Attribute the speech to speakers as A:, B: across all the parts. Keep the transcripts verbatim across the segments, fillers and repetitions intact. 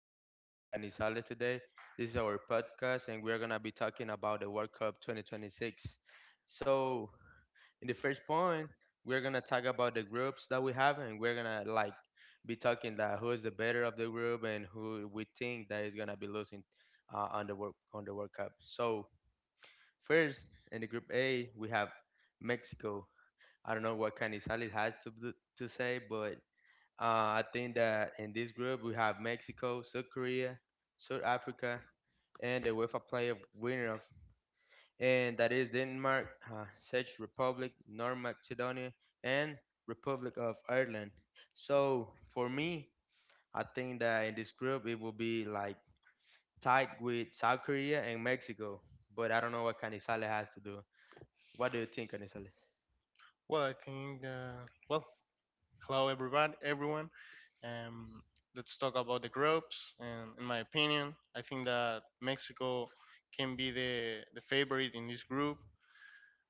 A: I'm with Canizales today. This is our podcast, and we're going to be talking about the World Cup twenty twenty-six. So, in the first point, we're going to talk about the groups that we have, and we're going to like be talking that who is the better of the group and who we think that is going to be losing uh, on the World on the World Cup. So, first in the group A, we have Mexico. I don't know what Canizales has to do, to say, but uh, I think that in this group we have Mexico, South Korea, South Africa, and the UEFA player winner of, and that is Denmark, uh, Czech Republic, North Macedonia, and Republic of Ireland. So for me, I think that in this group it will be like tied with South Korea and Mexico, but I don't know what Canizales has to do. What do you think, Canizales?
B: Well, I think uh, well, Hello everybody, everyone. Um, let's talk about the groups. And in my opinion, I think that Mexico can be the the favorite in this group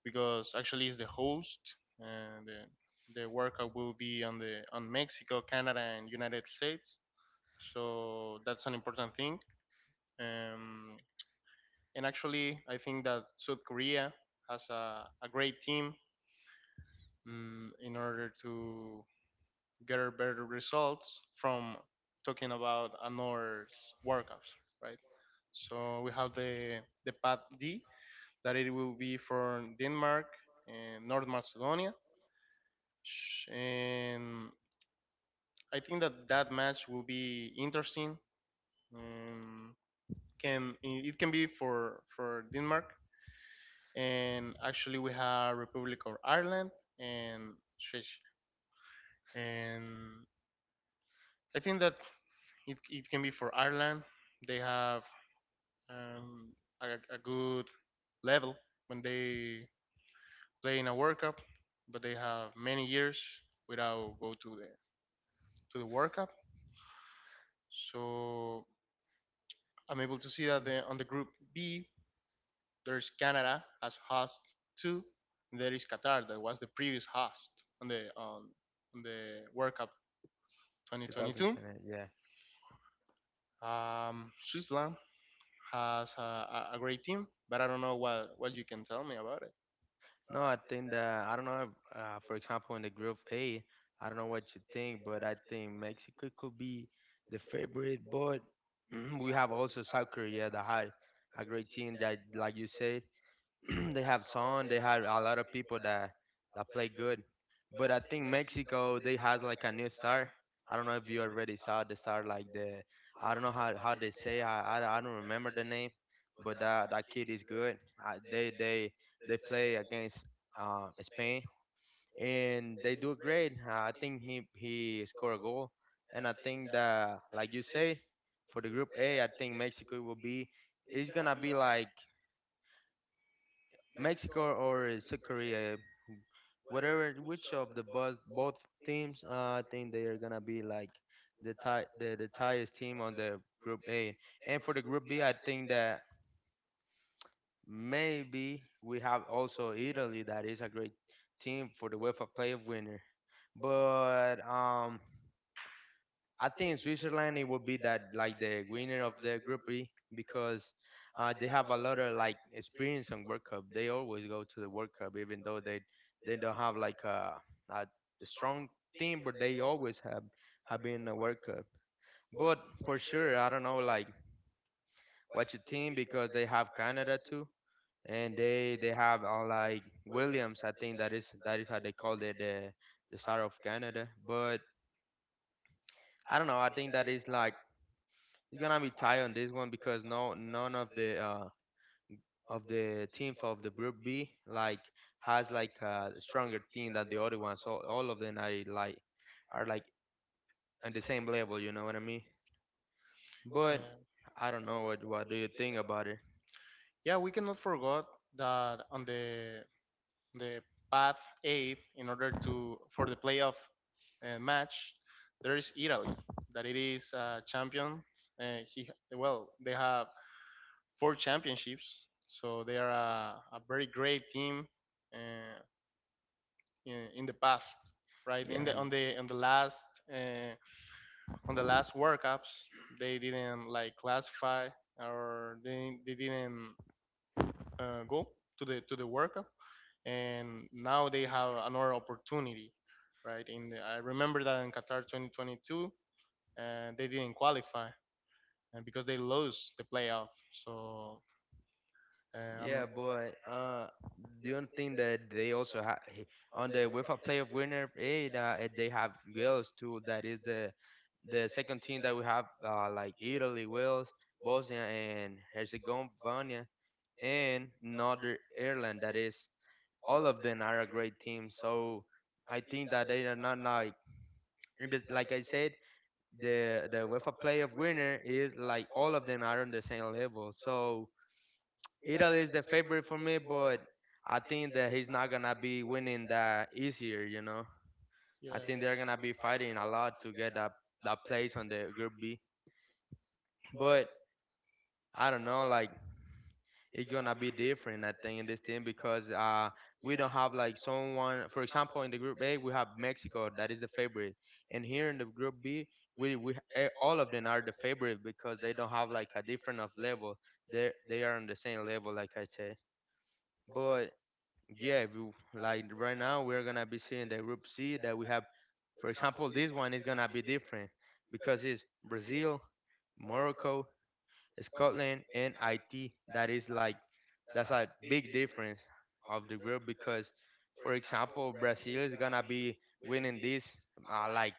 B: because actually it's the host. And the the workout will be on the on Mexico, Canada, and United States. So that's an important thing. Um, and actually, I think that South Korea has a, a great team mm, in order to get better results from talking about another workout, right? So we have the the path D that it will be from Denmark and North Macedonia, and I think that that match will be interesting. Um, can it can be for for Denmark. And actually we have Republic of Ireland and Swiss, and I think that it, it can be for Ireland. They have um, a, a good level when they play in a World Cup, but they have many years without go to the to the World Cup. So I'm able to see that the, on the Group B there's Canada as host two, and there is Qatar that was the previous host on the on, on the World Cup twenty twenty-two.
A: twenty ten,
B: Um, Switzerland has a, a a great team, but I don't know what what you can tell me about it.
A: No, I think that I don't know. If, uh, for example, in the group A, I don't know what you think, but I think Mexico could be the favorite. But we have also South Korea that had a great team that, like you said, they have Son, they have a lot of people that that play good. But I think Mexico they has like a new star. I don't know if you already saw the star like the I don't know how, how they say I, I I don't remember the name, but that that kid is good. I, they they they play against uh, Spain and they do great. Uh, I think he he scored a goal, and I think that like you say, for the group A, I think Mexico will be. It's gonna be like Mexico or South Korea, whatever, which of the both both teams, uh, I think they are gonna be like the tie the the tightest team on the Group A. And for the Group B, I think that maybe we have also Italy that is a great team for the UEFA playoff winner. But um, I think Switzerland it would be that like the winner of the Group B because uh, they have a lot of like experience on World Cup. They always go to the World Cup, even though they they don't have like a, a strong team, but they always have have been in the World Cup. But for sure, I don't know like what you think because they have Canada too, and they they have uh, like Williams. I think that is that is how they call it the the star of Canada, but. I don't know. I think that is like It's gonna be tight on this one because no none of the uh of the team of the group B like has like a stronger team than the other ones. So all of them are like are like on the same level. You know what I mean? But
B: Yeah,
A: I don't know what what do you think about it?
B: Yeah, we cannot forget that on the the path eight, in order to for the playoff uh, match, there is Italy that it is uh, champion. Uh, he well, they have four championships, so they are a, a very great team uh, in, in the past, right?
A: Yeah,
B: In the
A: and
B: on the On the last uh, on the last World Cups, they didn't like classify, or they, they didn't uh, go to the to the World Cup, and now they have another opportunity, right? In the, I remember that in Qatar twenty twenty-two, uh, they didn't qualify uh, because they lost the playoff. So uh, I'm-
A: Yeah, but uh, the only thing that they also have on the UEFA Player of Winner, eh, that eh, they have Wales too. That is the the second team that we have, uh, like Italy, Wales, Bosnia and Herzegovina, and Northern Ireland. That is all of them are a great team. So I think that they are not like because like I said, the the UEFA Player of Winner is like all of them are on the same level. So Italy is the favorite for me, but I think that he's not gonna be winning that easier. You know, I think they're gonna
B: yeah.
A: be fighting a lot to get that that place on the Group B. But I don't know, like it's gonna be different. I think in this team because uh we don't have like someone. For example, in the Group A we have Mexico that is the favorite, and here in the Group B we we eh, all of them are the favorite because they don't have like a different of level. They they are on the same level, like I said, but. Yeah, if you like right now we're gonna be seeing the group C that we have. For example, this one is gonna be different because it's Brazil, Morocco, Scotland, and I T. That is like that's a big difference of the group because, for example, Brazil is gonna be winning this uh, like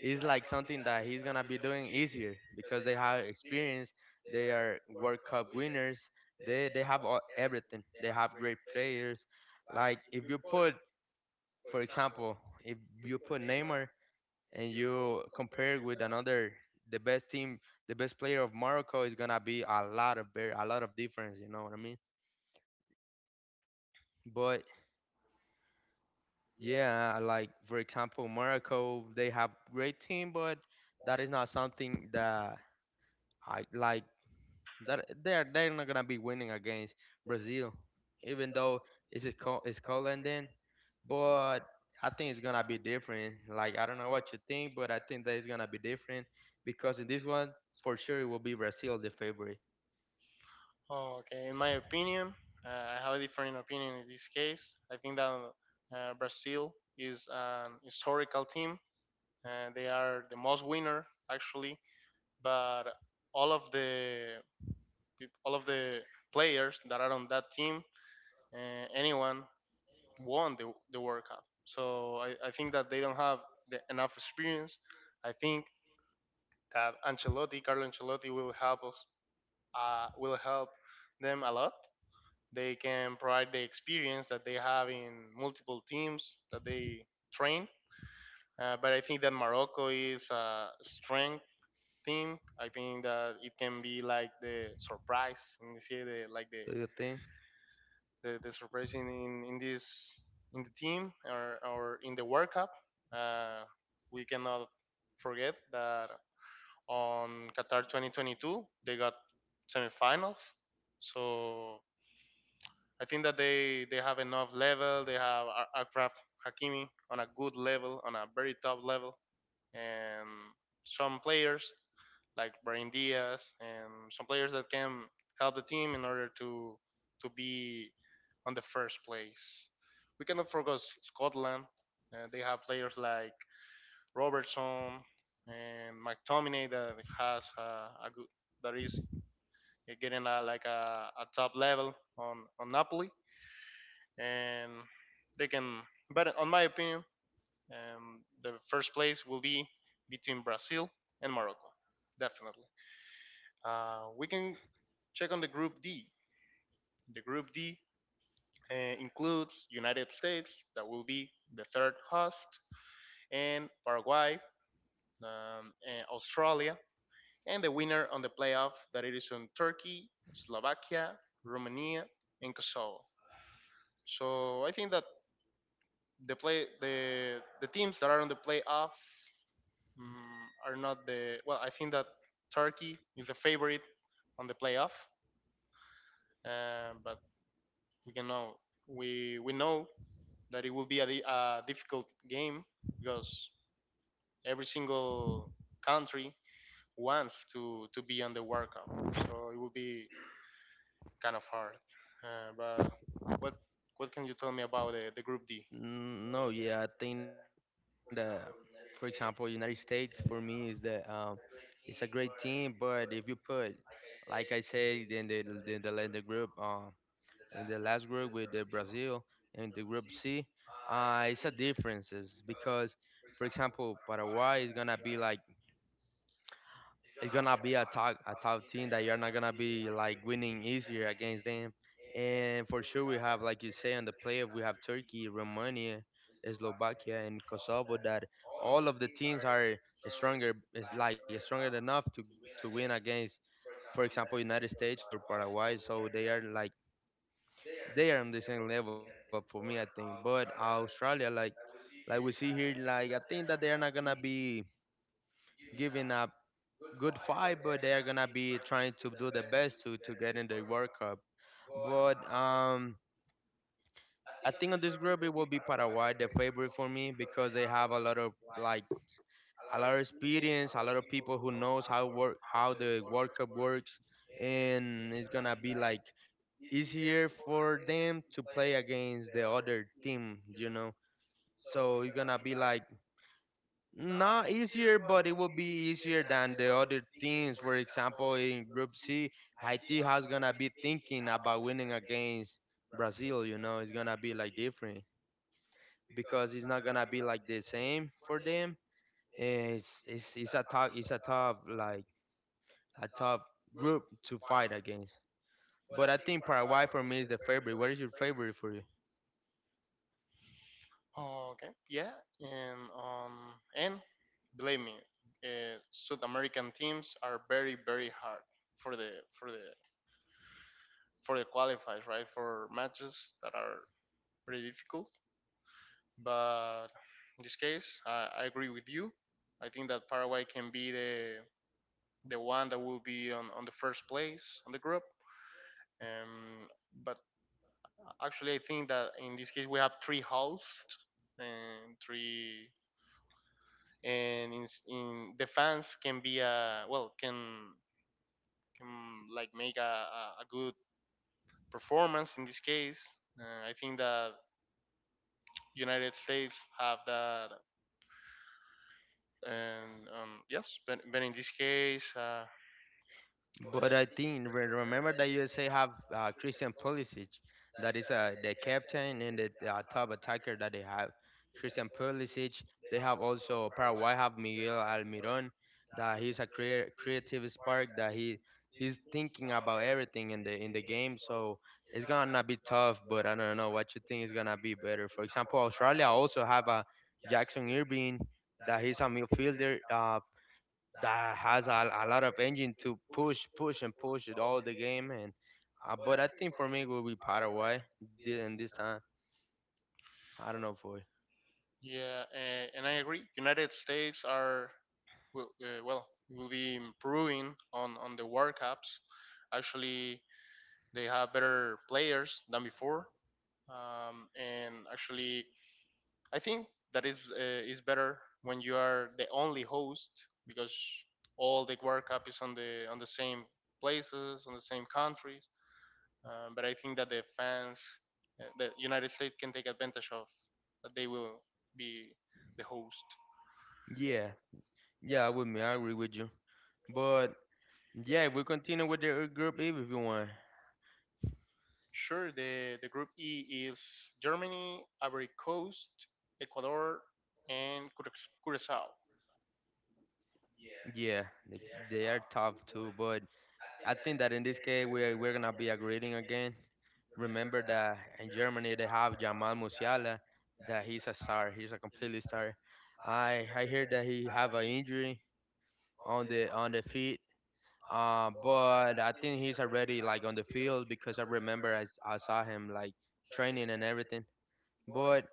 A: it's like something that he's gonna be doing easier because they have experience. They are World Cup winners. They they have all, everything. They have great players. Like if you put, for example, if you put Neymar and you compare with another, the best team, the best player of Morocco is gonna be a lot of bear, a lot of difference. You know what I mean? But yeah, like for example, Morocco, they have great team, but that is not something that I like. That they're they're not gonna be winning against Brazil, even though it's a co- it's Colin then, but I think it's gonna be different. Like I don't know what you think, but I think that it's gonna be different because in this one for sure it will be Brazil the favorite. Do you think? Mm, No, yeah, I think that for example United States for me is the um it's a great team, but if you put like I said in the in the, in the group um, in the last group with the Brazil and the group C, uh, it's a differences because, for example, Paraguay is gonna be like it's gonna be a top a top team that you're not gonna be like winning easier against them, and for sure we have like you say on the playoff we have Turkey, Romania, Slovakia, and Kosovo that all of the teams are stronger is like stronger enough to to win against, for example, United States or Paraguay, so they are like they are on the same level for me, I think. But Australia, like like we see here, like I think that they are not gonna be giving up good fight, but they are gonna be trying to do their best to to get in the World Cup. But um, I think on this group it will be Paraguay the favorite for me because they have a lot of like a lot of experience, a lot of people who knows how work how the World Cup works, and it's gonna be like easier for them to play against the other team, you know. So you're gonna be like not easier, but it will be easier than the other teams. For example, in Group C, Haiti has gonna be thinking about winning against Brazil. You know, it's gonna be like different because it's not gonna be like the same for them. And It's it's it's a tough it's a tough like a tough group to fight against. But I think Paraguay for me is the favorite. What is your favorite for you? But I think re- remember that U S A have uh, Christian Pulisic, that is uh, the captain and the uh, top attacker that they have. Christian Pulisic. They have also Paraguay have Miguel Almiron, that he's a crea- creative spark that he he's thinking about everything in the in the game. So it's gonna be tough, but I don't know what you think is gonna be better. For example, Australia also have a Jackson Irving that he's a midfielder. Uh, that has a, a lot of engine to push, push, and push it all the game. And uh, but I think for me it will be Paraguay thi- and this time. I don't know for yeah, yeah. With me, I agree with you. But yeah, if we continue with the uh, group E, if you want, yeah, they, they are tough too. But I think that in this case we're we're gonna be agreeing again. Remember that in Germany they have Jamal Musiala, that he's a star. He's a completely star. I I hear that he have an injury on the on the feet. Uh, but I think he's already like on the field because I remember I, s- I saw him like training and everything. But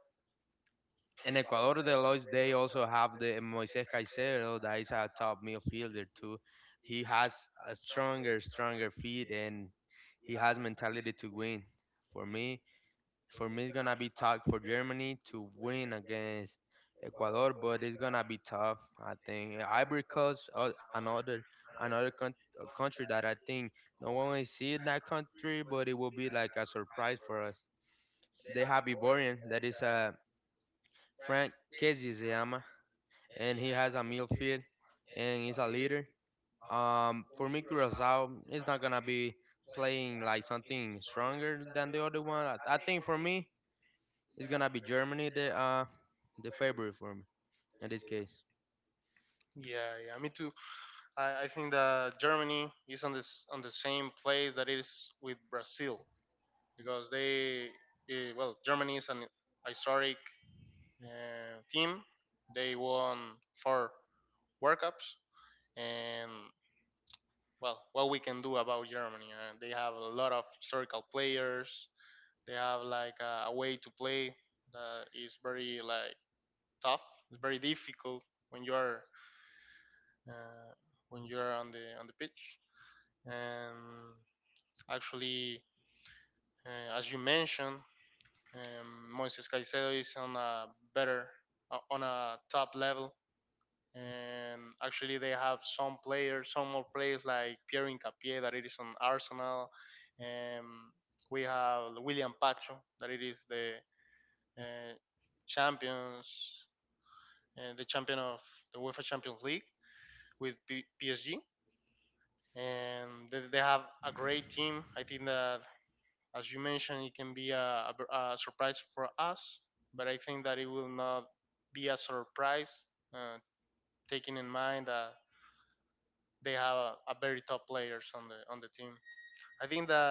A: in Ecuador de Los, they also have the Moises Caicedo that is a top midfielder too. He has a stronger, stronger feet and he has mentality to win. For me, for me, it's gonna be tough for Germany to win against Ecuador, but it's gonna be tough. I think Ivory Coast, uh, another another con- uh, country that I think no one will see in that country, but it will be like a surprise for us. They have Ivorian, that is uh, Frank Kezizema, and he has a midfield, and he's a leader. Um, for me, Curacao is not gonna be playing like something stronger than the other one. I, I think for me it's gonna be Germany the uh the favorite for me in this case. Mm,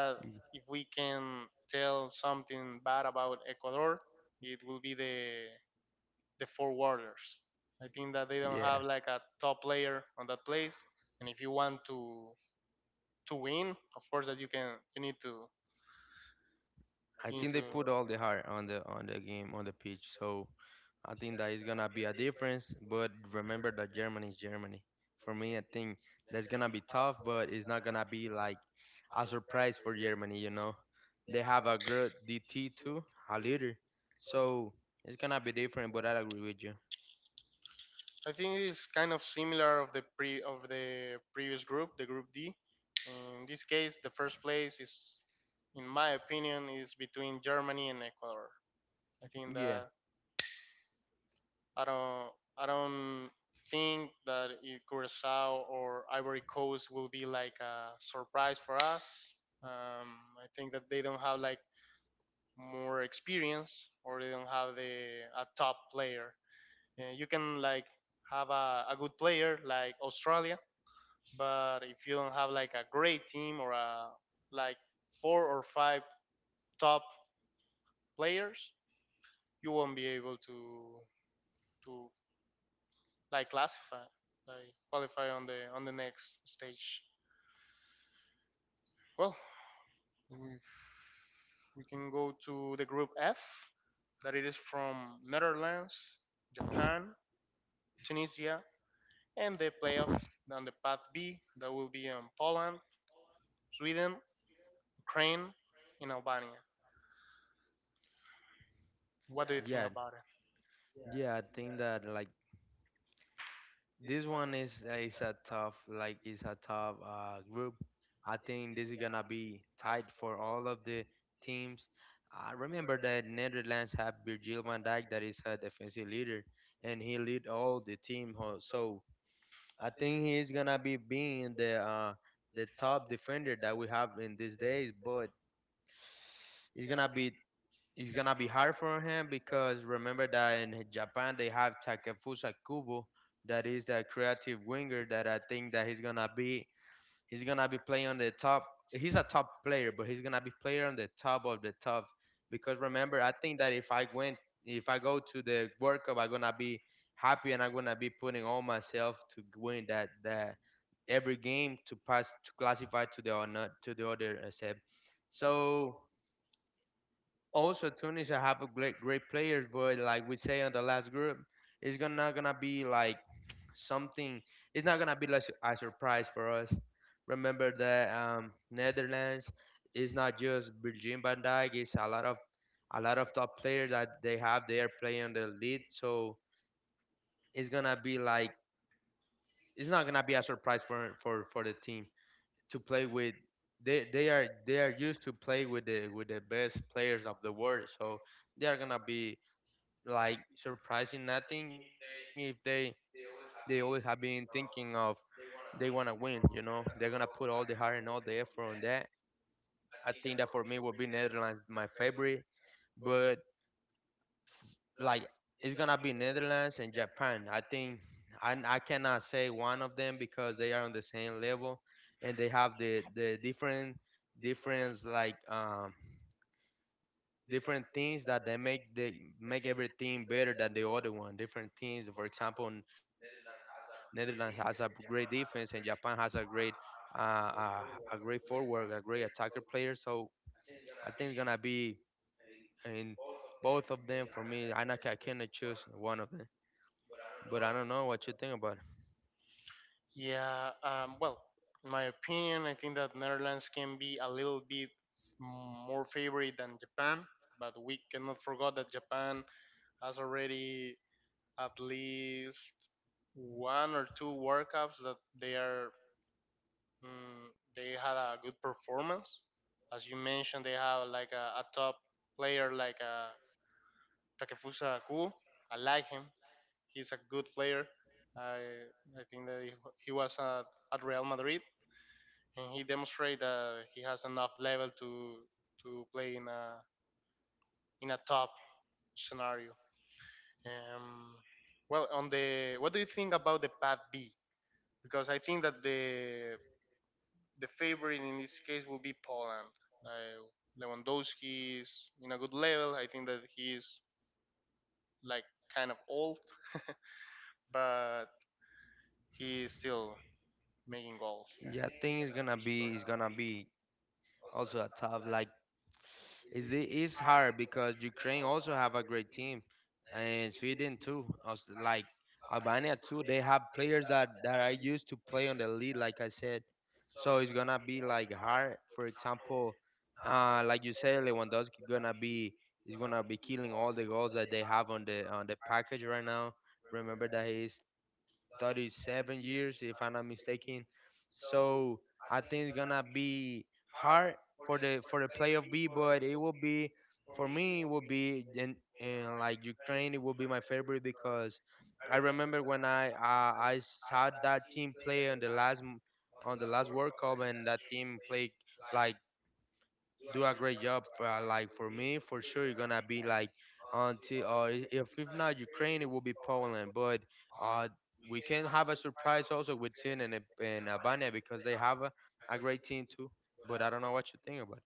A: Yeah, I think they put all the heart on the on the game on the pitch, so I think that is gonna be a difference. But remember that Germany is Germany. For me, I think that's gonna be tough, but it's not gonna be like a surprise for Germany. You know, they have a good D T too, a leader, so it's gonna be different. But I agree with you. Yeah, yeah, yeah. I think that like this one is is a tough like is a tough uh, group. I think this is gonna be tight for all of the teams. I remember that Netherlands have Virgil van Dijk, that is a defensive leader, and he lead all the team. ho- So I think he is gonna be being the uh, the top defender that we have in these days. But it's gonna be it's gonna be hard for him, because remember that in Japan they have Takefusa Kubo, that is a creative winger that I think that he's gonna be he's gonna be playing on the top. He's a top player, but he's gonna be player on the top of the top. Because remember, I think that if I went, if I go to the World Cup, I'm gonna be happy, and I'm gonna be putting all myself to win that that every game, to pass, to classify to the or not to the other uh, step. So also Tunisia have a great great players, but like we say on the last group, it's gonna not gonna be like something. It's not gonna be like a surprise for us. Remember that um, Netherlands is not just Virgin van Dijk; it's a lot of a lot of top players that they have. They are playing on the lead, so it's gonna be like it's not gonna be a surprise for for for the team to play with. They, they are they are used to play with the with the best players of the world, so they are gonna be like surprising nothing if they they always have been thinking of they want to win. You know, they're gonna put all the heart and all the effort on that. I think that for me will be Netherlands my favorite, but like it's gonna be Netherlands and Japan. I think I I cannot say one of them because they are on the same level, and they have the the different difference like um different things that they make they make everything better than the other one. Different things, for example, N- Netherlands has a great defense, and Japan has a great uh, uh, a great forward, a great attacker player. So I think it's gonna be in both of them for me. I not, I cannot choose one of them, but I don't know what you think about it. Yeah, I think it's gonna be it's gonna be also a tough like it's the- it's hard because Ukraine also have a great team, and Sweden too. Also, like Albania too, they have players that that are used to play on the league, like I said. So it's gonna be like hard. For example, uh, like you said, Lewandowski gonna be is gonna be killing all the goals that they have on the on the package right now. Remember that he's thirty-seven years, if I'm not mistaken. So I think it's gonna be hard for the for the playoff B, but it will be for me. It will be and and like Ukraine, it will be my favorite because I remember when I uh, I saw that team play on the last m- on the last World Cup, and that team played like do a great job for, uh, like for me, for sure you're gonna be like until uh, i- if if not Ukraine, it will be Poland, but uh we can have a surprise also with Tin and, Ab- and Albania, because they have a, a great team too. But I don't know what you think about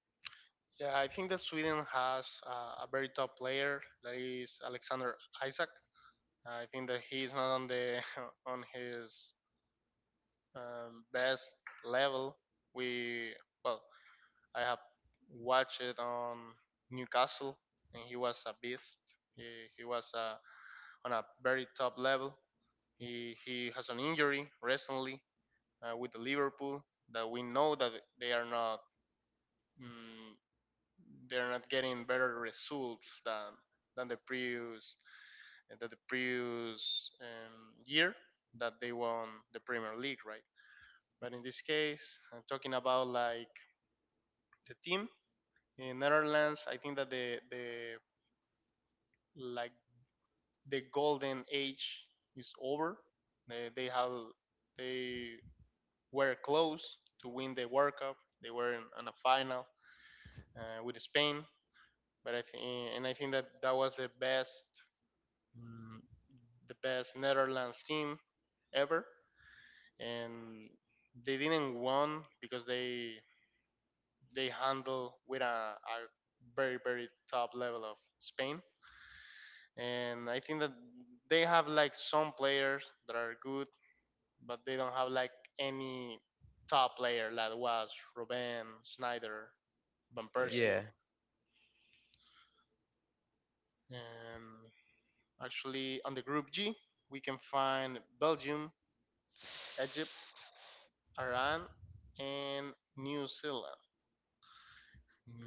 A: it. Yeah.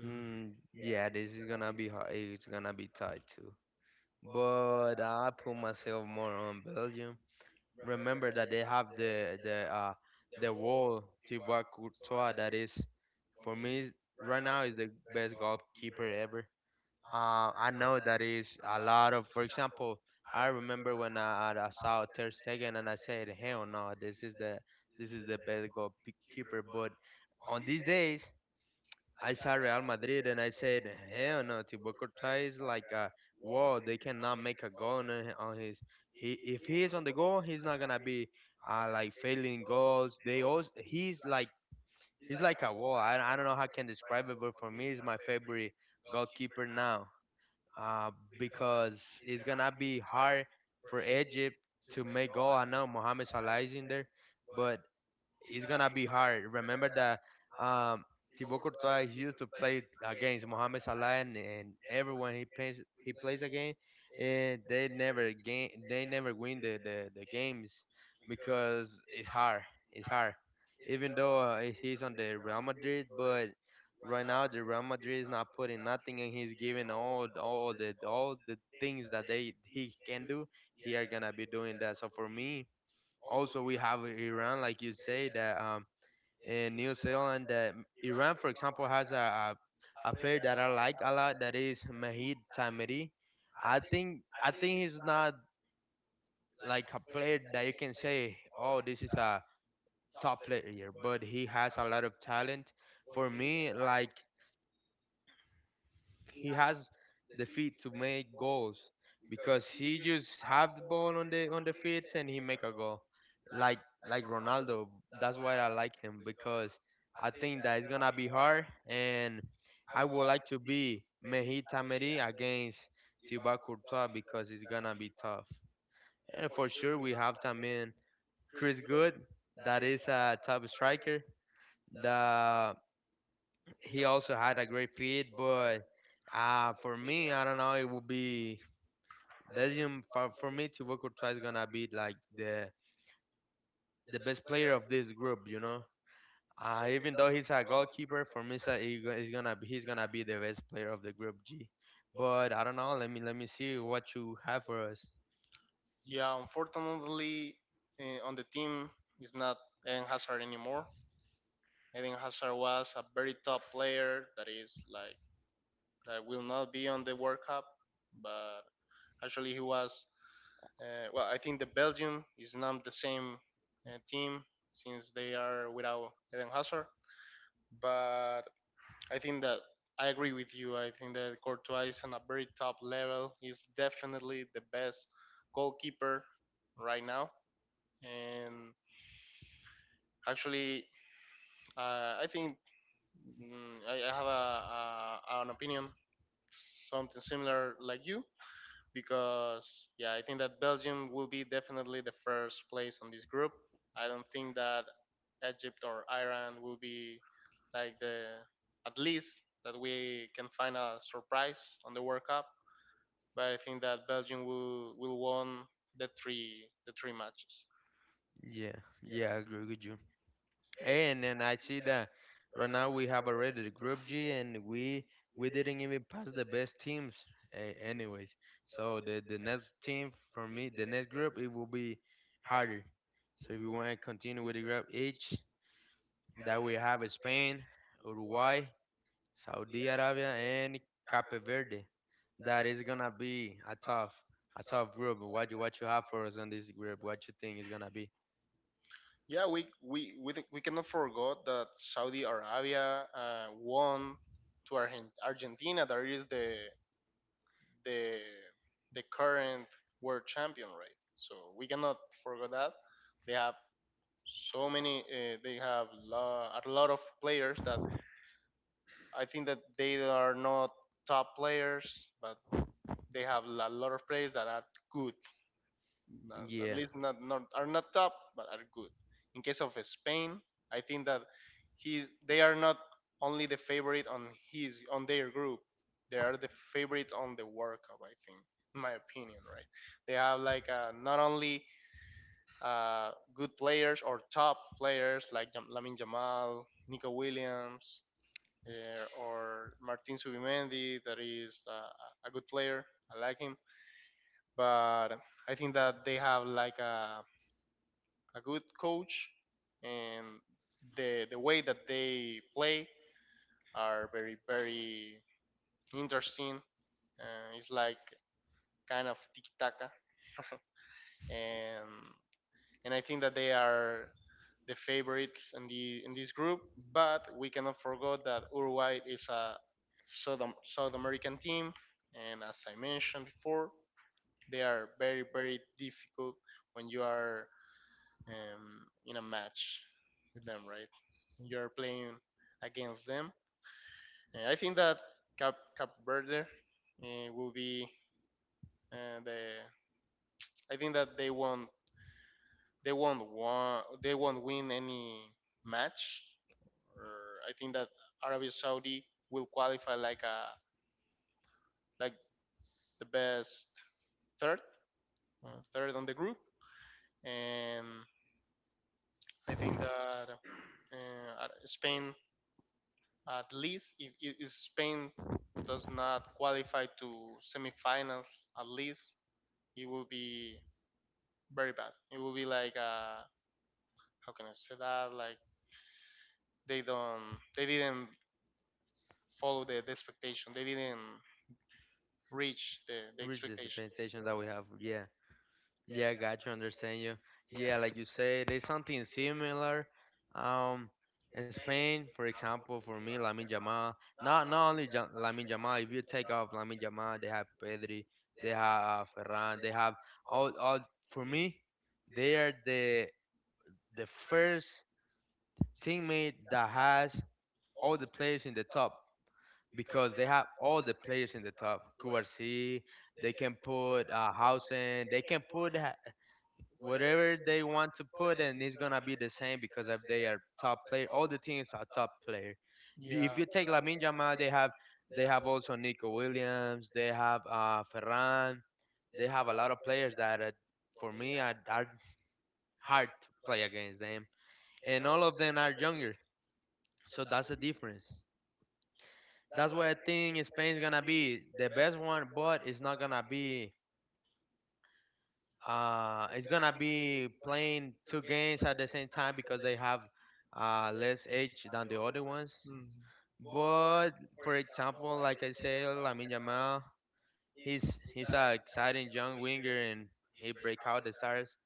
A: Mm, yeah, this is gonna be hard. It's gonna be tight too. But I put myself more on Belgium. Remember that they have the the uh the wall Thibaut Courtois, that is for me is- right now is the best goalkeeper ever. Uh, I know that is a lot of. For example, I remember when I, I saw Ter Stegen and I said, "Hell no, this is the this is the best goalkeeper." But on these days, I saw Real Madrid and I said, hell no, Thibaut Courtois is like a wall. They cannot make a goal on, hi- on his. He if he is on the goal, he's not gonna be uh, like failing goals. They also he's like he's like a wall. I, I don't know how I can describe it, but for me, he's my favorite goalkeeper now, uh, because it's gonna be hard for Egypt to make goal. I know Mohamed Salah is in there, but it's gonna be hard. Remember that um, Thibaut Courtois he used to play against Mohamed Salah and, and everyone he plays he plays against, and they never gain they never win the, the, the games, because it's hard. It's hard. Even though uh, he's on the Real Madrid, but right now the Real Madrid is not putting nothing, and he's giving all all the all the things that they he can do. He are gonna be doing that. So for me, also we have Iran, like you say, that um, in New Zealand, that Iran, for example, has a, a a player that I like a lot. That is Mahid Tamiri. I think I think he's not like a player that you can say, oh, this is a top player, but he has a lot of talent. For me, like he has the feet to make goals because he just have the ball on the on the feet and he make a goal like like Ronaldo. That's why I like him, because I think that it's gonna be hard, and I would like to be Mehdi Tamedi against Thibaut Courtois, because it's gonna be tough. And for sure we have también Chris Good, that is a top striker. The he also had a great feed, but uh, for me, I don't know. It would be Belgium for, for me. Thibaut try is gonna be like the the best player of this group, you know. Uh, even though he's a goalkeeper, for me, so he go- he's gonna be- he's gonna be the best player of the group G. But I don't know. Let me let me see what you have for us. Yeah, yeah, I agree with you. And and I see that right now we have already the group G, and we we didn't even pass the best teams a- anyways. So the the next team for me, the next group, it will be harder. So if you want to continue with the group H, that we have Spain, Uruguay, Saudi Arabia and Cape Verde. That is gonna be a tough a tough group. What you what you have for us on this group? What you think is gonna be? Yeah, reach the Spain station that we have. Yeah. Yeah, I got you, understand you. Yeah, like you say, there's something similar. Um, Spain, for example, for me, Lamine Yamal. Not not only Ja- Lamine Yamal. If you take off Lamine Yamal, they have Pedri, they have Ferran, they have all all. For me, they are the the first teammate that has all the players in the top, because they have all the players in the top. Q R C, they can put uh, Housen, they can put ha- whatever they want to put in is gonna be the same, because if they are top player, all the teams are top player. B- If you take Lamine Jamal, they have they have also Nico Williams, they have uh, Ferran, they have a lot of players that uh, for me are, are hard to play against them, and all of them are younger, so that's the difference. That's why I think Spain's gonna be the best one, but it's not gonna be uh, it's gonna be playing two games at the same time, because they have uh, less age than the other ones. But for example, like I said, Lamine Yamal, he's he's an exciting young winger, and he break out the stars.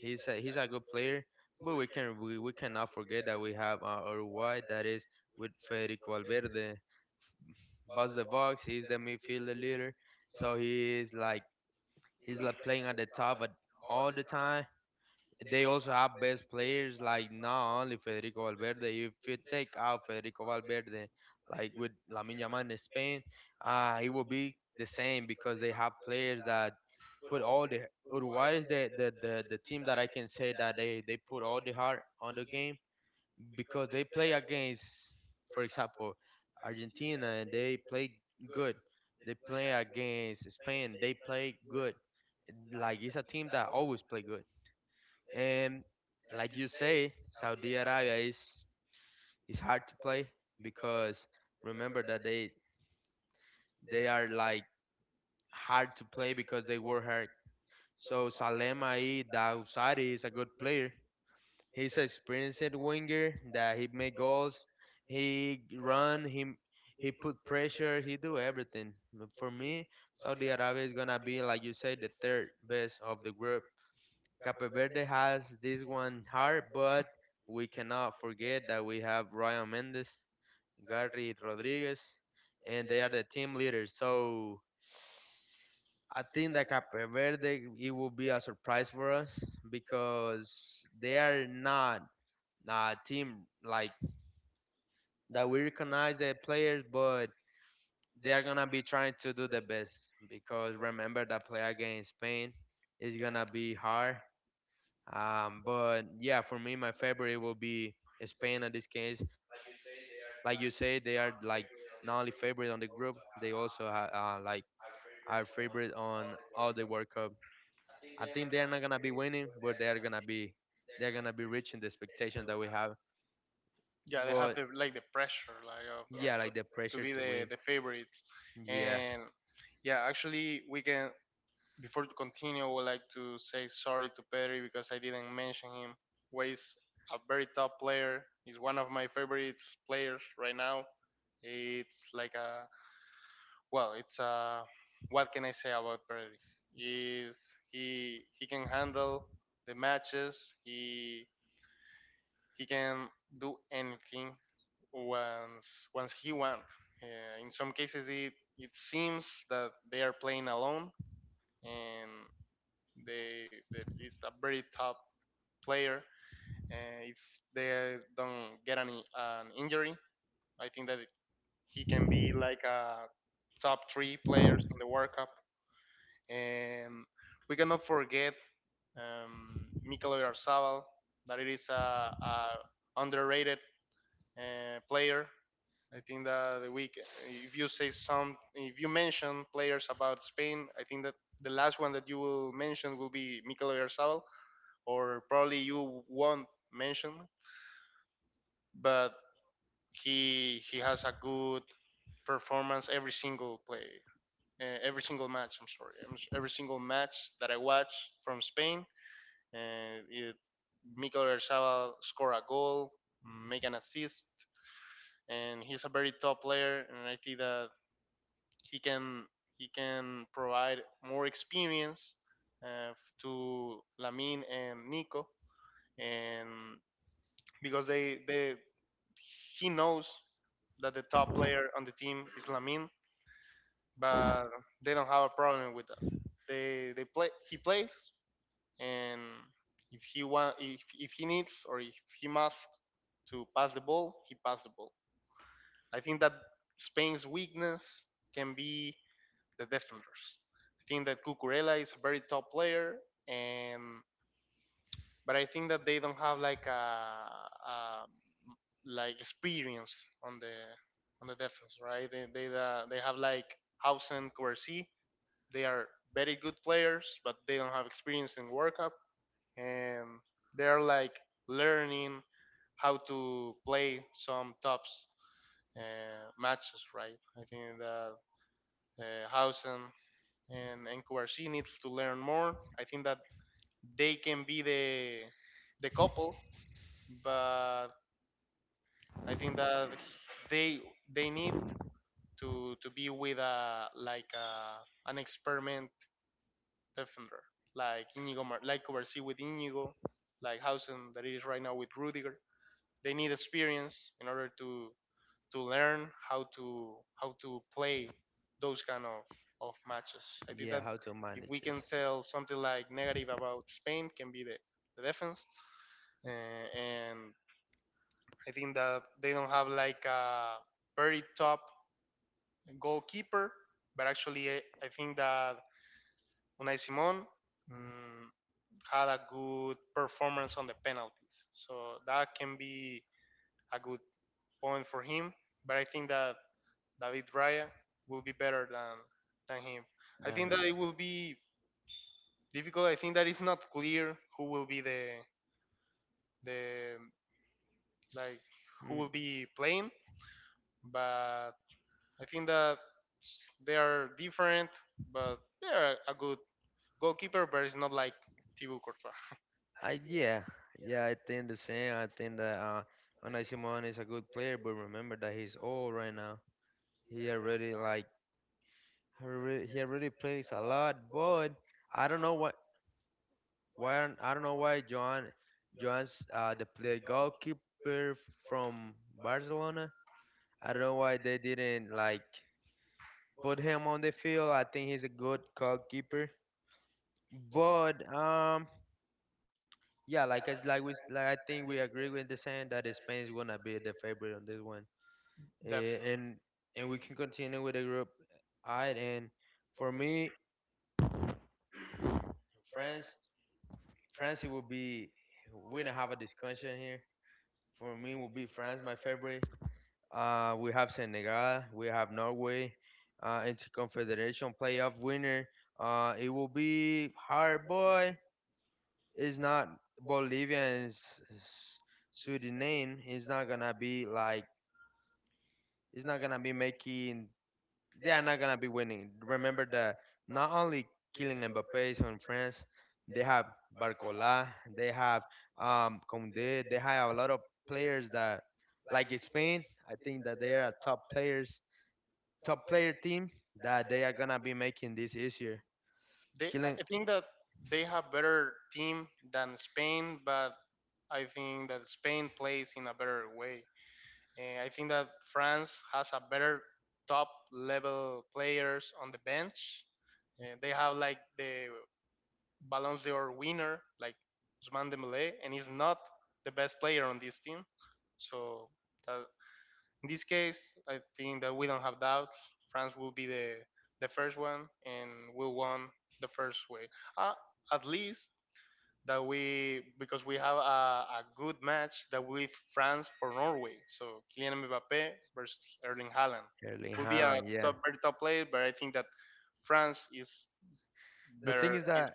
A: He's a, he's a good player, but we can we, we cannot forget that we have uh, Uruguay, that is with Federico Valverde, bust the box. He's the midfielder leader, so he is like he's like playing at the top at all the time. They also have best players, like not only Federico Valverde. If you take out Federico Valverde, like with Lamine Yamal in Spain, uh, it will be the same because they have players that put all the Uruguay is the, the, the, the team that I can say that they, they put all the heart on the game because they play against, for example, Argentina and they play good. They play against Spain, they play good. Like it's a team that always play good. And like you say, Saudi Arabia is is hard to play because remember that they they are like hard to play because they work hard. So Salem Aid Daousari is a good player. He's an experienced winger that he make goals, he run, he he put pressure, he do everything. For me, Saudi Arabia is gonna be like you say the third best of the group. Cape Verde has this one hard, but we cannot forget that we have Ryan Mendes, Gary Rodriguez, and they are the team leaders. So I think that Cape Verde it will be a surprise for us because they are not a team like that we recognize the players, but they are gonna be trying to do the best because remember that play against Spain is gonna be hard, um, but yeah, for me, my favorite will be Spain in this case. Like you say, they are like not only favorite on the group, they also ha- uh, like are favorite on all the World Cup. I think they are not gonna be winning, but they are gonna be they're gonna be reaching the expectation that we have. But yeah, like the pressure to win. Yeah, yeah, how to manage this. Damn. Mm. I yeah, yeah. I think the same. I think that uh, Unai Simon is a good player, but remember that he's old right now. He already like alre- he already plays a lot, but I don't know what why aren't- I don't know why John John's uh the play goalkeeper from Barcelona. I don't know why they didn't like put him on the field. I think he's a good goalkeeper, but um. Yeah, like it's like we s- like I think we agree with the saying that Spain is gonna be the favorite on this one. Eh, and and we can continue with the group. I and for me, France, France it will be. We don't have a discussion here. For me, will be France my favorite. Uh, we have Senegal, we have Norway, uh, interconfederation playoff winner. Uh, it will be hard, boy. It's not Bolivia and S- S- Suriname. It's not gonna be like it's not gonna be making. They are not gonna be winning. Remember that not only Kylian Mbappe is on France, they have Barcola, they have um Condé, they have a lot of players that, like in Spain, I think that they are a top players, top player team that they are gonna be making this easier. Killing Erling Haaland, yeah. The thing is that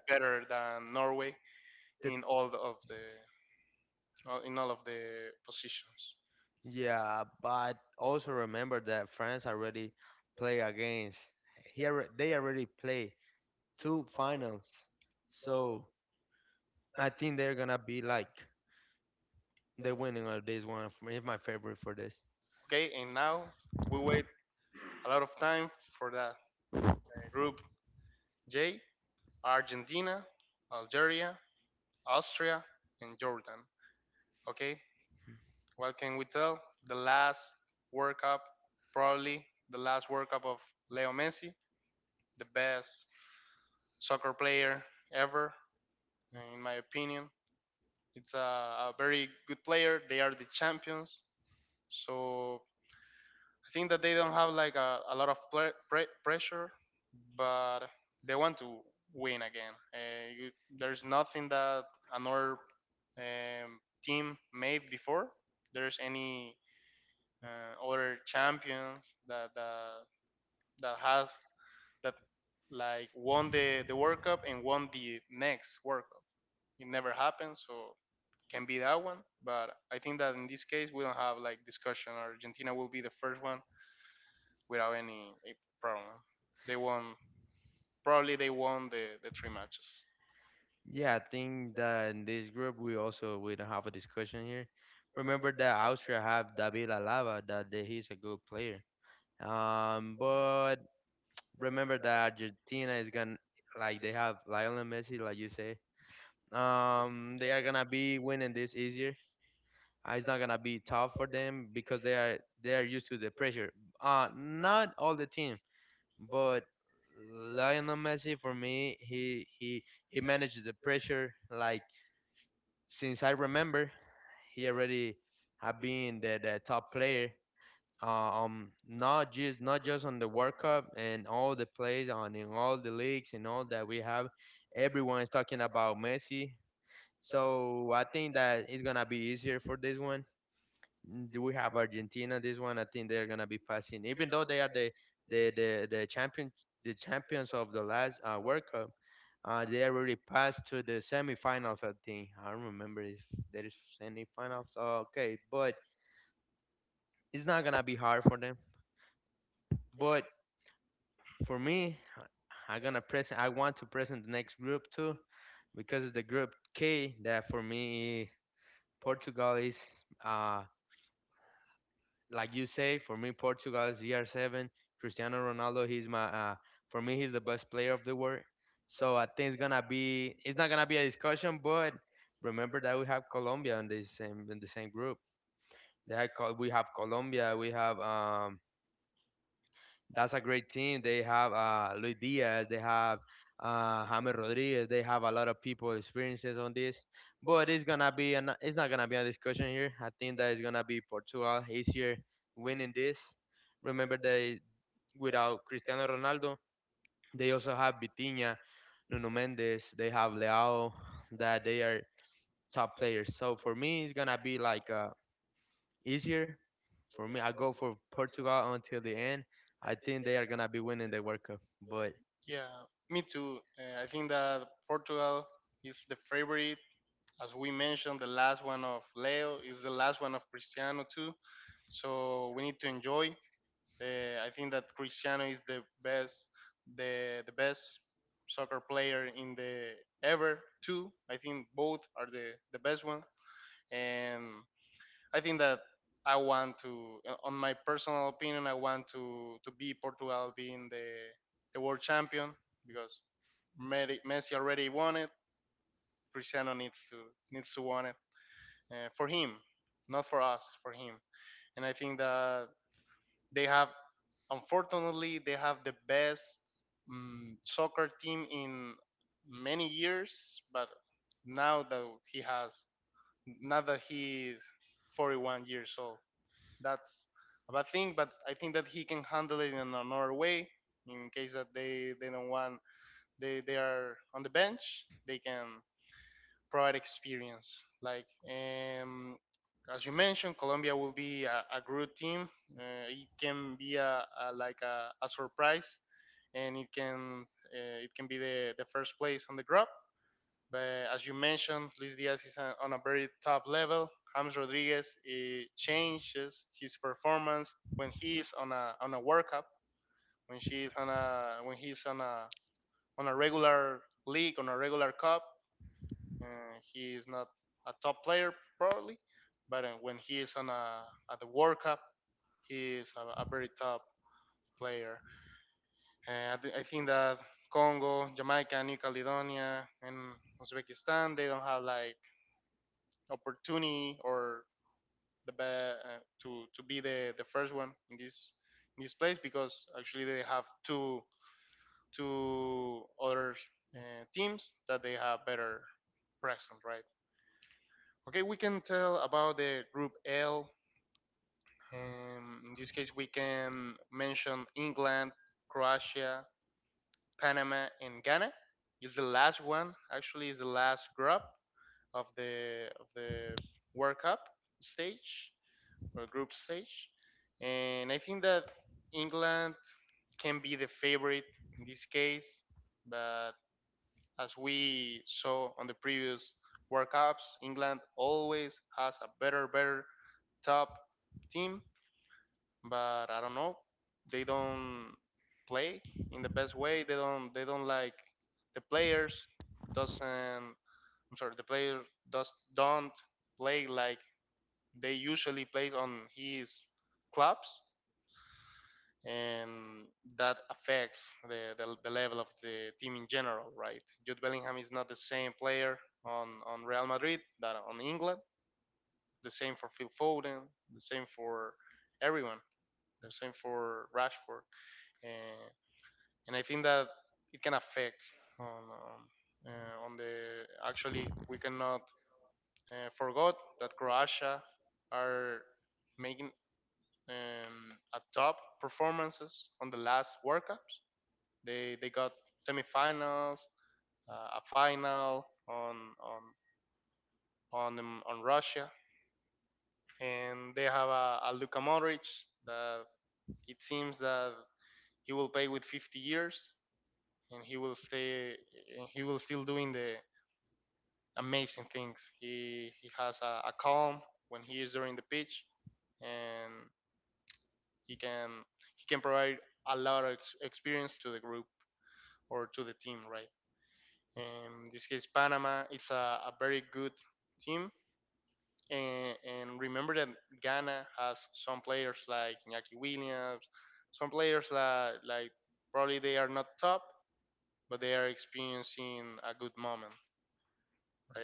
A: the yeah, but also remember that France already play against. He alre- they already play to finals. So I think they're gonna be like the winning of this one. For me, is my favorite for this. Yeah, I think that in this group we also we don't have a discussion here. Remember that Austria have David Alaba that they, he's a good player. Um, but remember that Argentina is gonna like they have Lionel Messi, like you say. Um, they are gonna be winning this easier. Uh, it's not gonna be tough for them because they are they are used to the pressure. Uh, not all the team, but Lionel Messi, for me, he he he managed the pressure. Like since I remember, he already have been the, the top player. Uh, um, not just not just on the World Cup and all the plays on in all the leagues and all that we have. Everyone is talking about Messi. So I think that it's gonna be easier for this one do we have Argentina this one I think they're gonna be passing even though they are the the the, the champion the champions of the last, uh, World Cup, uh, they already passed to the semifinals. I think I don't remember if there is semifinals, okay, but it's not gonna be hard for them, but for me I gonna present I want to present the next group too because it's the group K that for me Portugal is, uh, like you say, for me, Portugal is C R seven. Cristiano Ronaldo, he's my, uh, for me, he's the best player of the world. So I think it's gonna be, it's not gonna be a discussion, but remember that we have Colombia in the same in the same group. They have, Col- we have Colombia, we have, um, that's a great team. They have uh, Luis Diaz, they have uh, James Rodriguez, they have a lot of people experiences on this. But it's gonna be an, it's not gonna be a discussion here. I think that it's gonna be Portugal easier winning this. Remember that without Cristiano Ronaldo, they also have Vitinha, Nuno Mendes, they have Leao, that they are top players. So for me, it's gonna be like, uh, easier for me. I go for Portugal until the end. I think they are gonna be winning the World Cup. But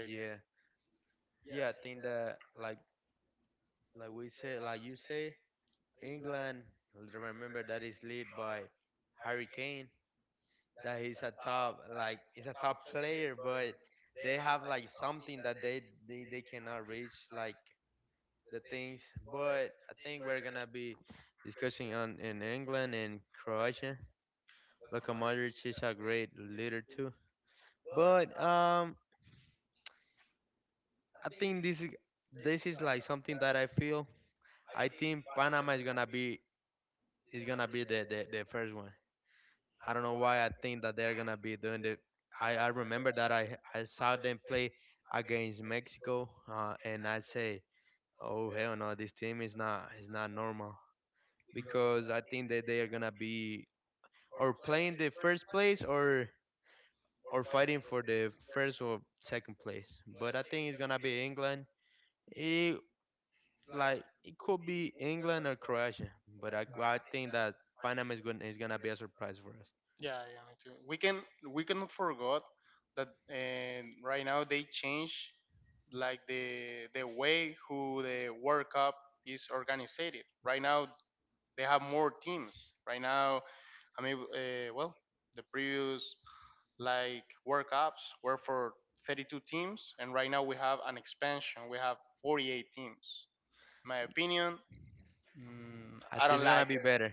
A: yeah, yeah. I think that like like we said, like you say, England. Remember that is led by Harry Kane. That he's a top like he's a top player, but they have like something that they they, they cannot reach like the things. But I think we're gonna be discussing on in England and Croatia. Luka Modric is a great leader too. But, um, I think this is this is like something that I feel. I think Panama is gonna be is gonna be the, the, the first one. I don't know why I think that they're gonna be doing the. I, I remember that I I saw them play against Mexico, uh, and I say, oh hell no, this team is not is not normal because I think that they are gonna be or playing the first place or or fighting for the first or second place. But I think it's gonna be England. It like it could be England or Croatia, but I, I think that Panama is gonna is gonna be a surprise for us. I think it's gonna be better.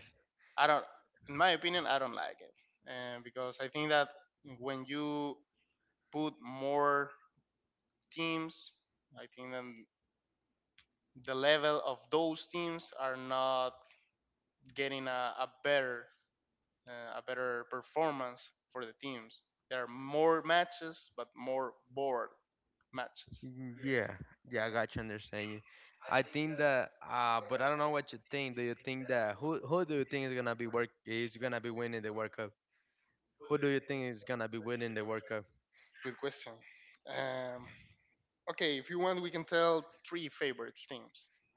A: Mm, yeah, yeah, I got you. Understand you. I think that, uh, but I don't know what you think. Do you think that who who do you think is gonna be work is gonna be winning the World Cup? Who do you think is gonna be winning the World Cup?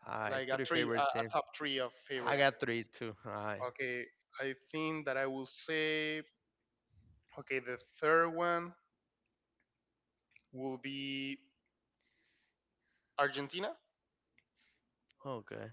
A: All right, three favorite teams. I got three too. All right, okay.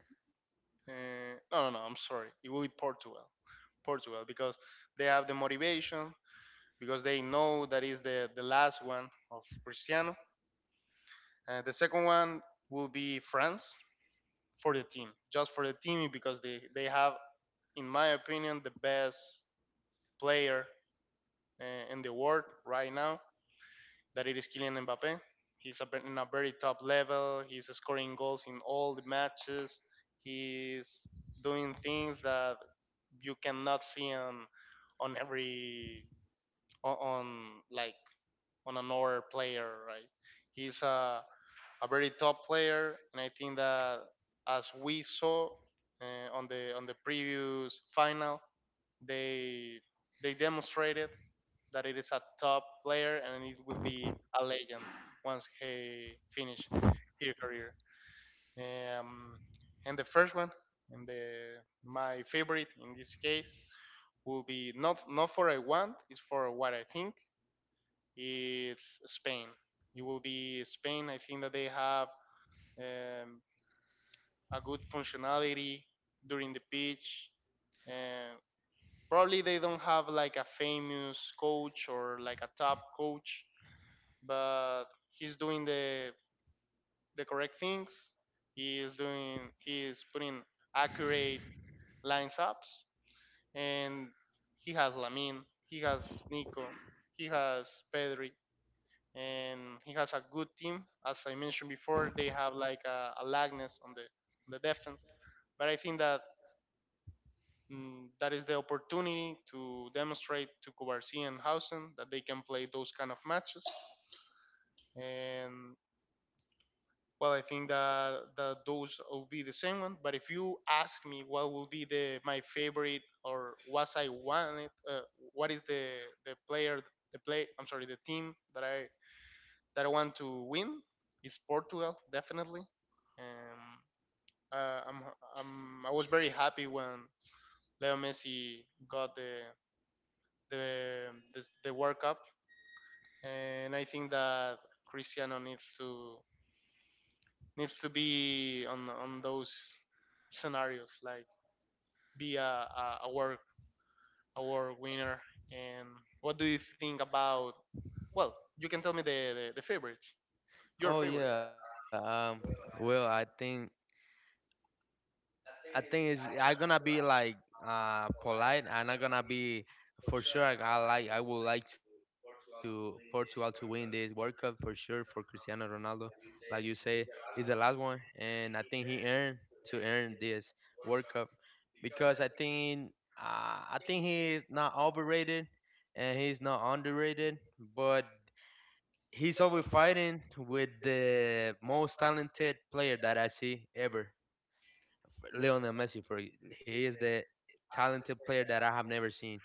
A: Oh yeah. Um. Well, I think I think it's I gonna be like, uh polite. I'm not gonna be for sure. I, I like I would like to Portugal to win this World Cup for sure for Cristiano Ronaldo. Like you say, is the last one, and I think he earned to earn this World Cup because I think, uh, I think he is not overrated and he's not underrated, but he's always fighting with the most talented player that I see ever, Lionel Messi. For he is the talented player that I have never seen.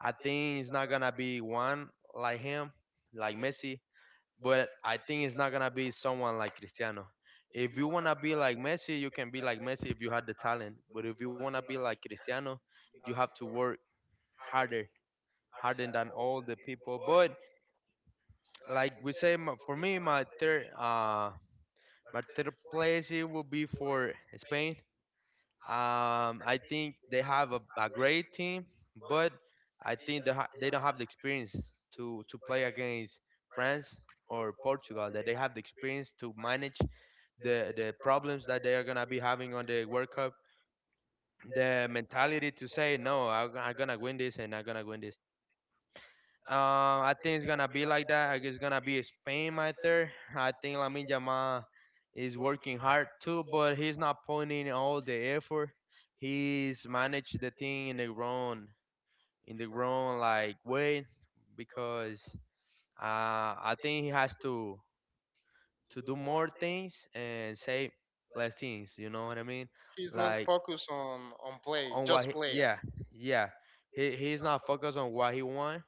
A: I think it's not gonna be one like him, like Messi, but I think it's not gonna be someone like Cristiano. If you wanna be like Messi, you can be like Messi if you had the talent. But if you wanna be like Cristiano, you have to work harder, harder than all the people. But like we say, my- for me, my third. Uh, My third place it will be for Spain. Um, I think they have a, a great team, but I think they, ha- they don't have the experience to, to play against France or Portugal. That they have the experience to manage the, the problems that they are gonna be having on the World Cup. The mentality to say no, I'm, I'm gonna win this and I'm gonna win this. Uh, I think it's gonna be like that. I guess it's gonna be Spain right there. I think Lamine Yamal is working hard too, but he's not putting in all the effort. He's managed the thing in the wrong in the wrong like way because, uh, I think he has to to do more things and say less things. You know what I mean? Like on what? He, yeah, yeah. He he's not focused on what he wants.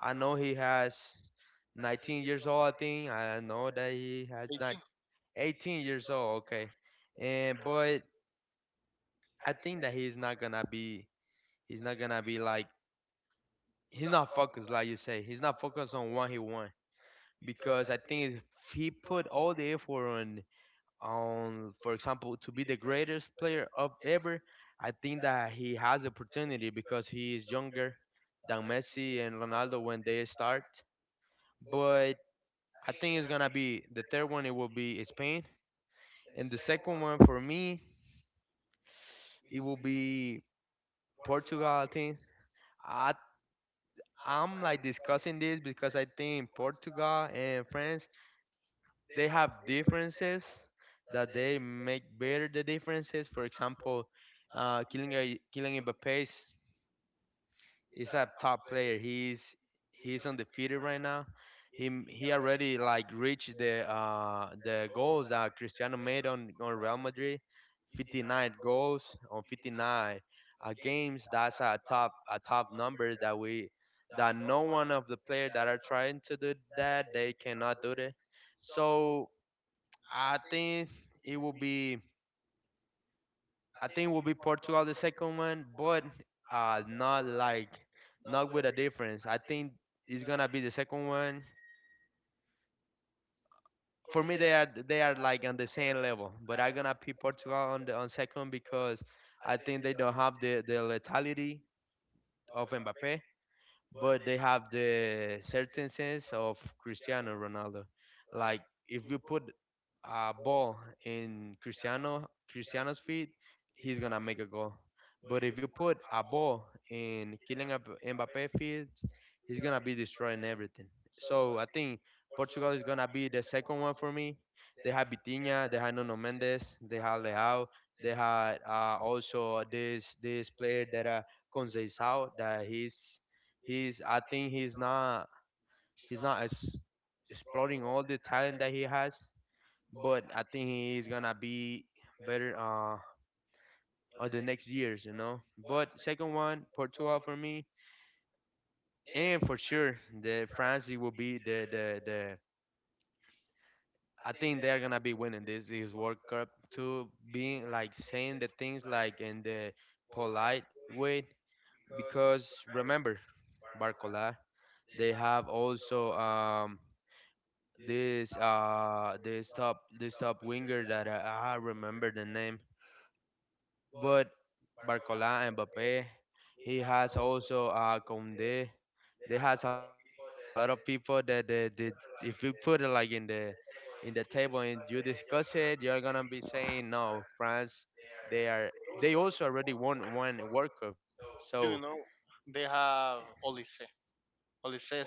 A: I know he has nineteen years old, I think. I know that he has not eighteen years old. Okay, and but I think that he's not gonna be. He's not gonna be like. He's not focused, like you say. He's not focused on what he wants because I think if he put all the effort on, on for example, to be the greatest player of ever, I think that he has opportunity because he is younger than Messi and Ronaldo when they start. But I think it's gonna be the third one. It will be Spain, and the second one for me, it will be Portugal. I think I I'm like discussing this because I think Portugal and France they have differences that they make better the differences. For example, uh, killing a killing Mbappe. He's a top player. He's he's undefeated right now. He he already like reached the uh the goals that Cristiano made on on Real Madrid, fifty-nine goals on fifty-nine uh, games. That's a top a top number that we that no one of the players that are trying to do that they cannot do it. So I think it will be I think will be Portugal the second one, but uh, not like not with a difference. I think it's gonna be the second one. For me, they are they are like on the same level, but I'm gonna pick Portugal on the on second because I think they don't have the the lethality of Mbappe, but they have the certain sense of Cristiano Ronaldo. Like if you put a ball in Cristiano Cristiano's feet, he's gonna make a goal. But if you put a ball in Kylian Mb- Mbappe feet, he's gonna be destroying everything. So I think Portugal is gonna be the second one for me. They have Bitinha, they have Nuno Mendes, they have Leao, they had uh, also this this player that uh, Conceição that he's He's I think he's not he's not as exploring all the talent that he has, but I think he's gonna be better uh on the next years, you know. But second one, Portugal for me, and for sure the France it will be the the the. I think they're gonna be winning this is World Cup too. Being like saying the things like in the polite way because remember Barcola, they have also um this uh this top this top winger that I, I remember the name, but Barcola Mbappe, he has also uh Conde. There has a lot of people that the the if you put it like in the in the table and you discuss it, you're gonna be saying no, France. They are they also already won one World Cup, so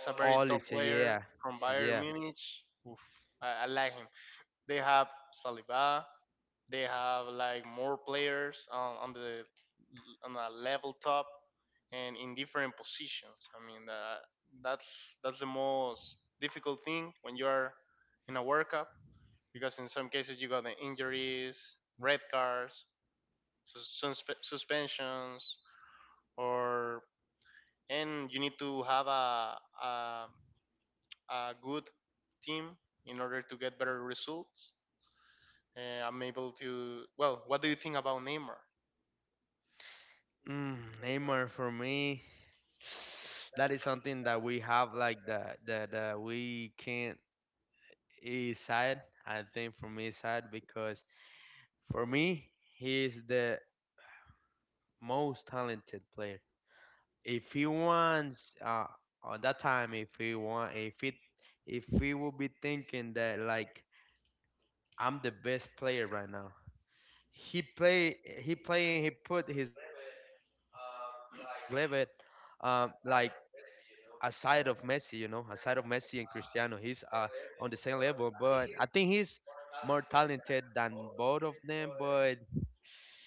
A: all is a yeah, yeah. Mm, Neymar for me. That is something that we have like that that uh, we can't is sad. I think for me it's sad because for me he is the most talented player. If he wants uh on that time if he want if it if he would be thinking that like I'm the best player right now. He play he play and he put his level um like aside of Messi, you know, aside of Messi and Cristiano, he's uh on the same level, but I think he's more talented than both of them, but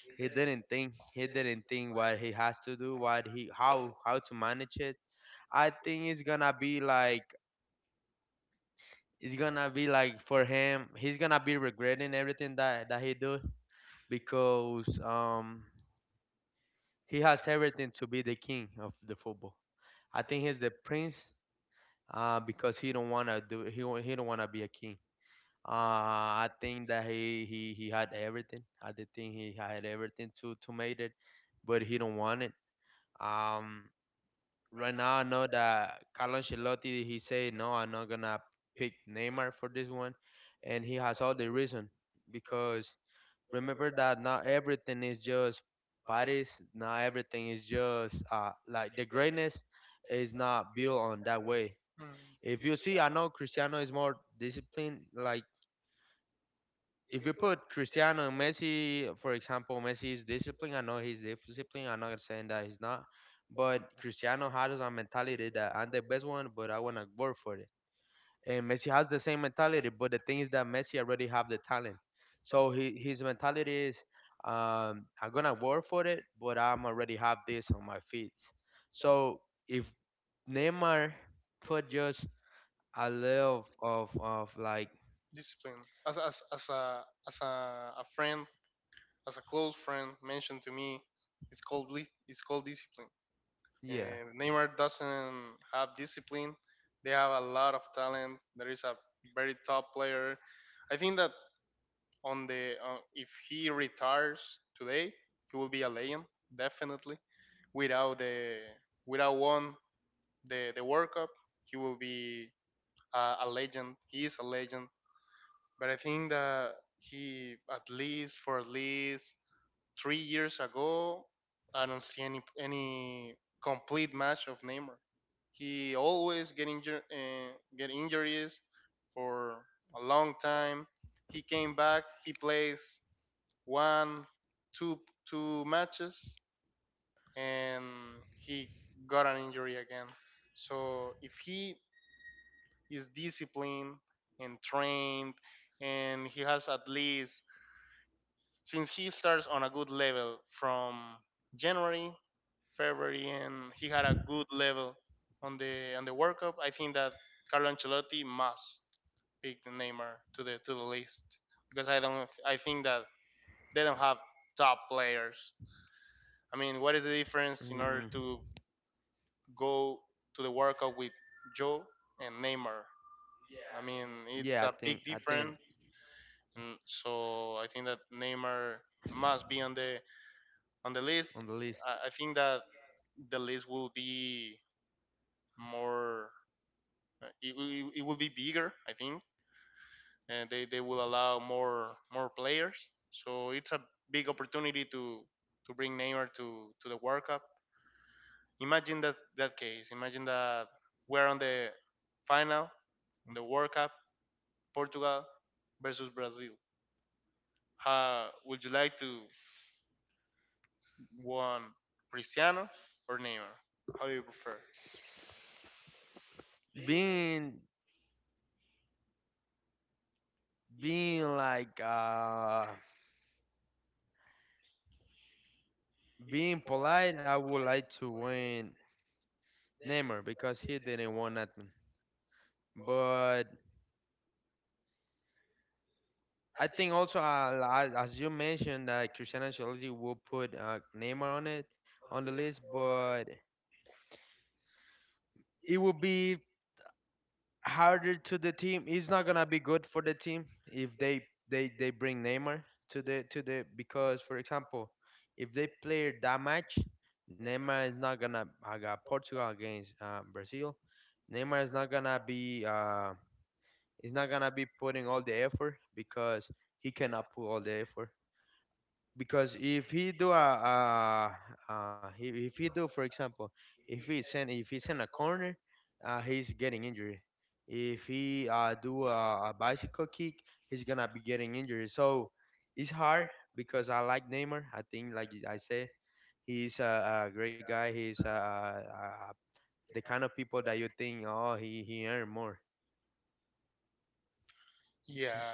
A: he didn't think he didn't think what he has to do, what he how how to manage it. I think it's gonna be like it's gonna be like for him, he's gonna be regretting everything that that he do because um he has everything to be the king of the football. I think he's the prince uh, because he don't wanna do he wa- he don't wanna be a king. Uh, I think that he he he had everything. I did think he had everything to to make it, but he don't want it. Um, right now I know that Carlo Ancelotti he said no, I'm not gonna pick Neymar for this one, and he has all the reason because remember that not everything is just Paris. Not everything is just uh like the greatness is not built on that way. If you see, I know Cristiano is more disciplined. Like if you put Cristiano and Messi, for example, Messi is disciplined. I know he's disciplined. I'm not saying that he's not, but Cristiano has a mentality that I'm the best one, but I wanna work for it. And Messi has the same mentality, but the thing is that Messi already have the talent. So he, his mentality is, um, I'm gonna work for it, but I'm already have this on my feet. So if Neymar put just I love of of like yeah. Mm, yeah, I think I think it's on the list. Being being like uh being polite, I would like to win Neymar because he didn't want nothing. But I think also uh, li- as you mentioned that Cristiano Ancelotti will put uh, Neymar on it on the list, but it will be harder to the team. It's not gonna be good for the team if they they they bring Neymar to the to the because for example, if they play that match, Neymar is not gonna. I got Portugal against uh, Brazil. Neymar is not gonna be. Uh, is not gonna be putting all the effort because he cannot put all the effort because if he do a, a, uh he if he do for example if he send if he's in a corner uh, he's getting injured if he uh, do a, a bicycle kick he's gonna be getting injured so it's hard because I like Neymar I think like I said he's a, a great guy he's uh uh the kind of people that you think oh he he earn more He-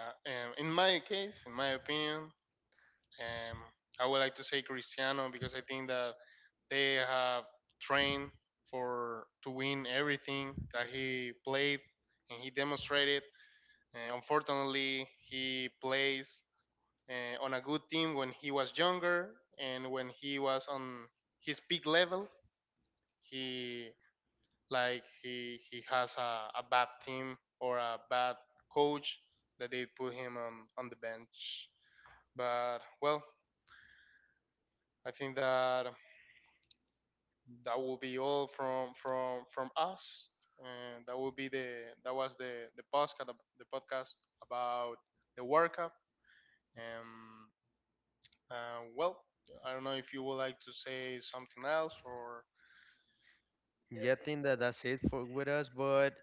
A: yeah I think that that's it for with us but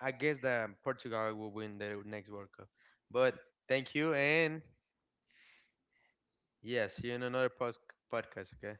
A: I guess that Portugal will win the next World Cup. But thank you, and yeah, see you in another post- podcast. Okay.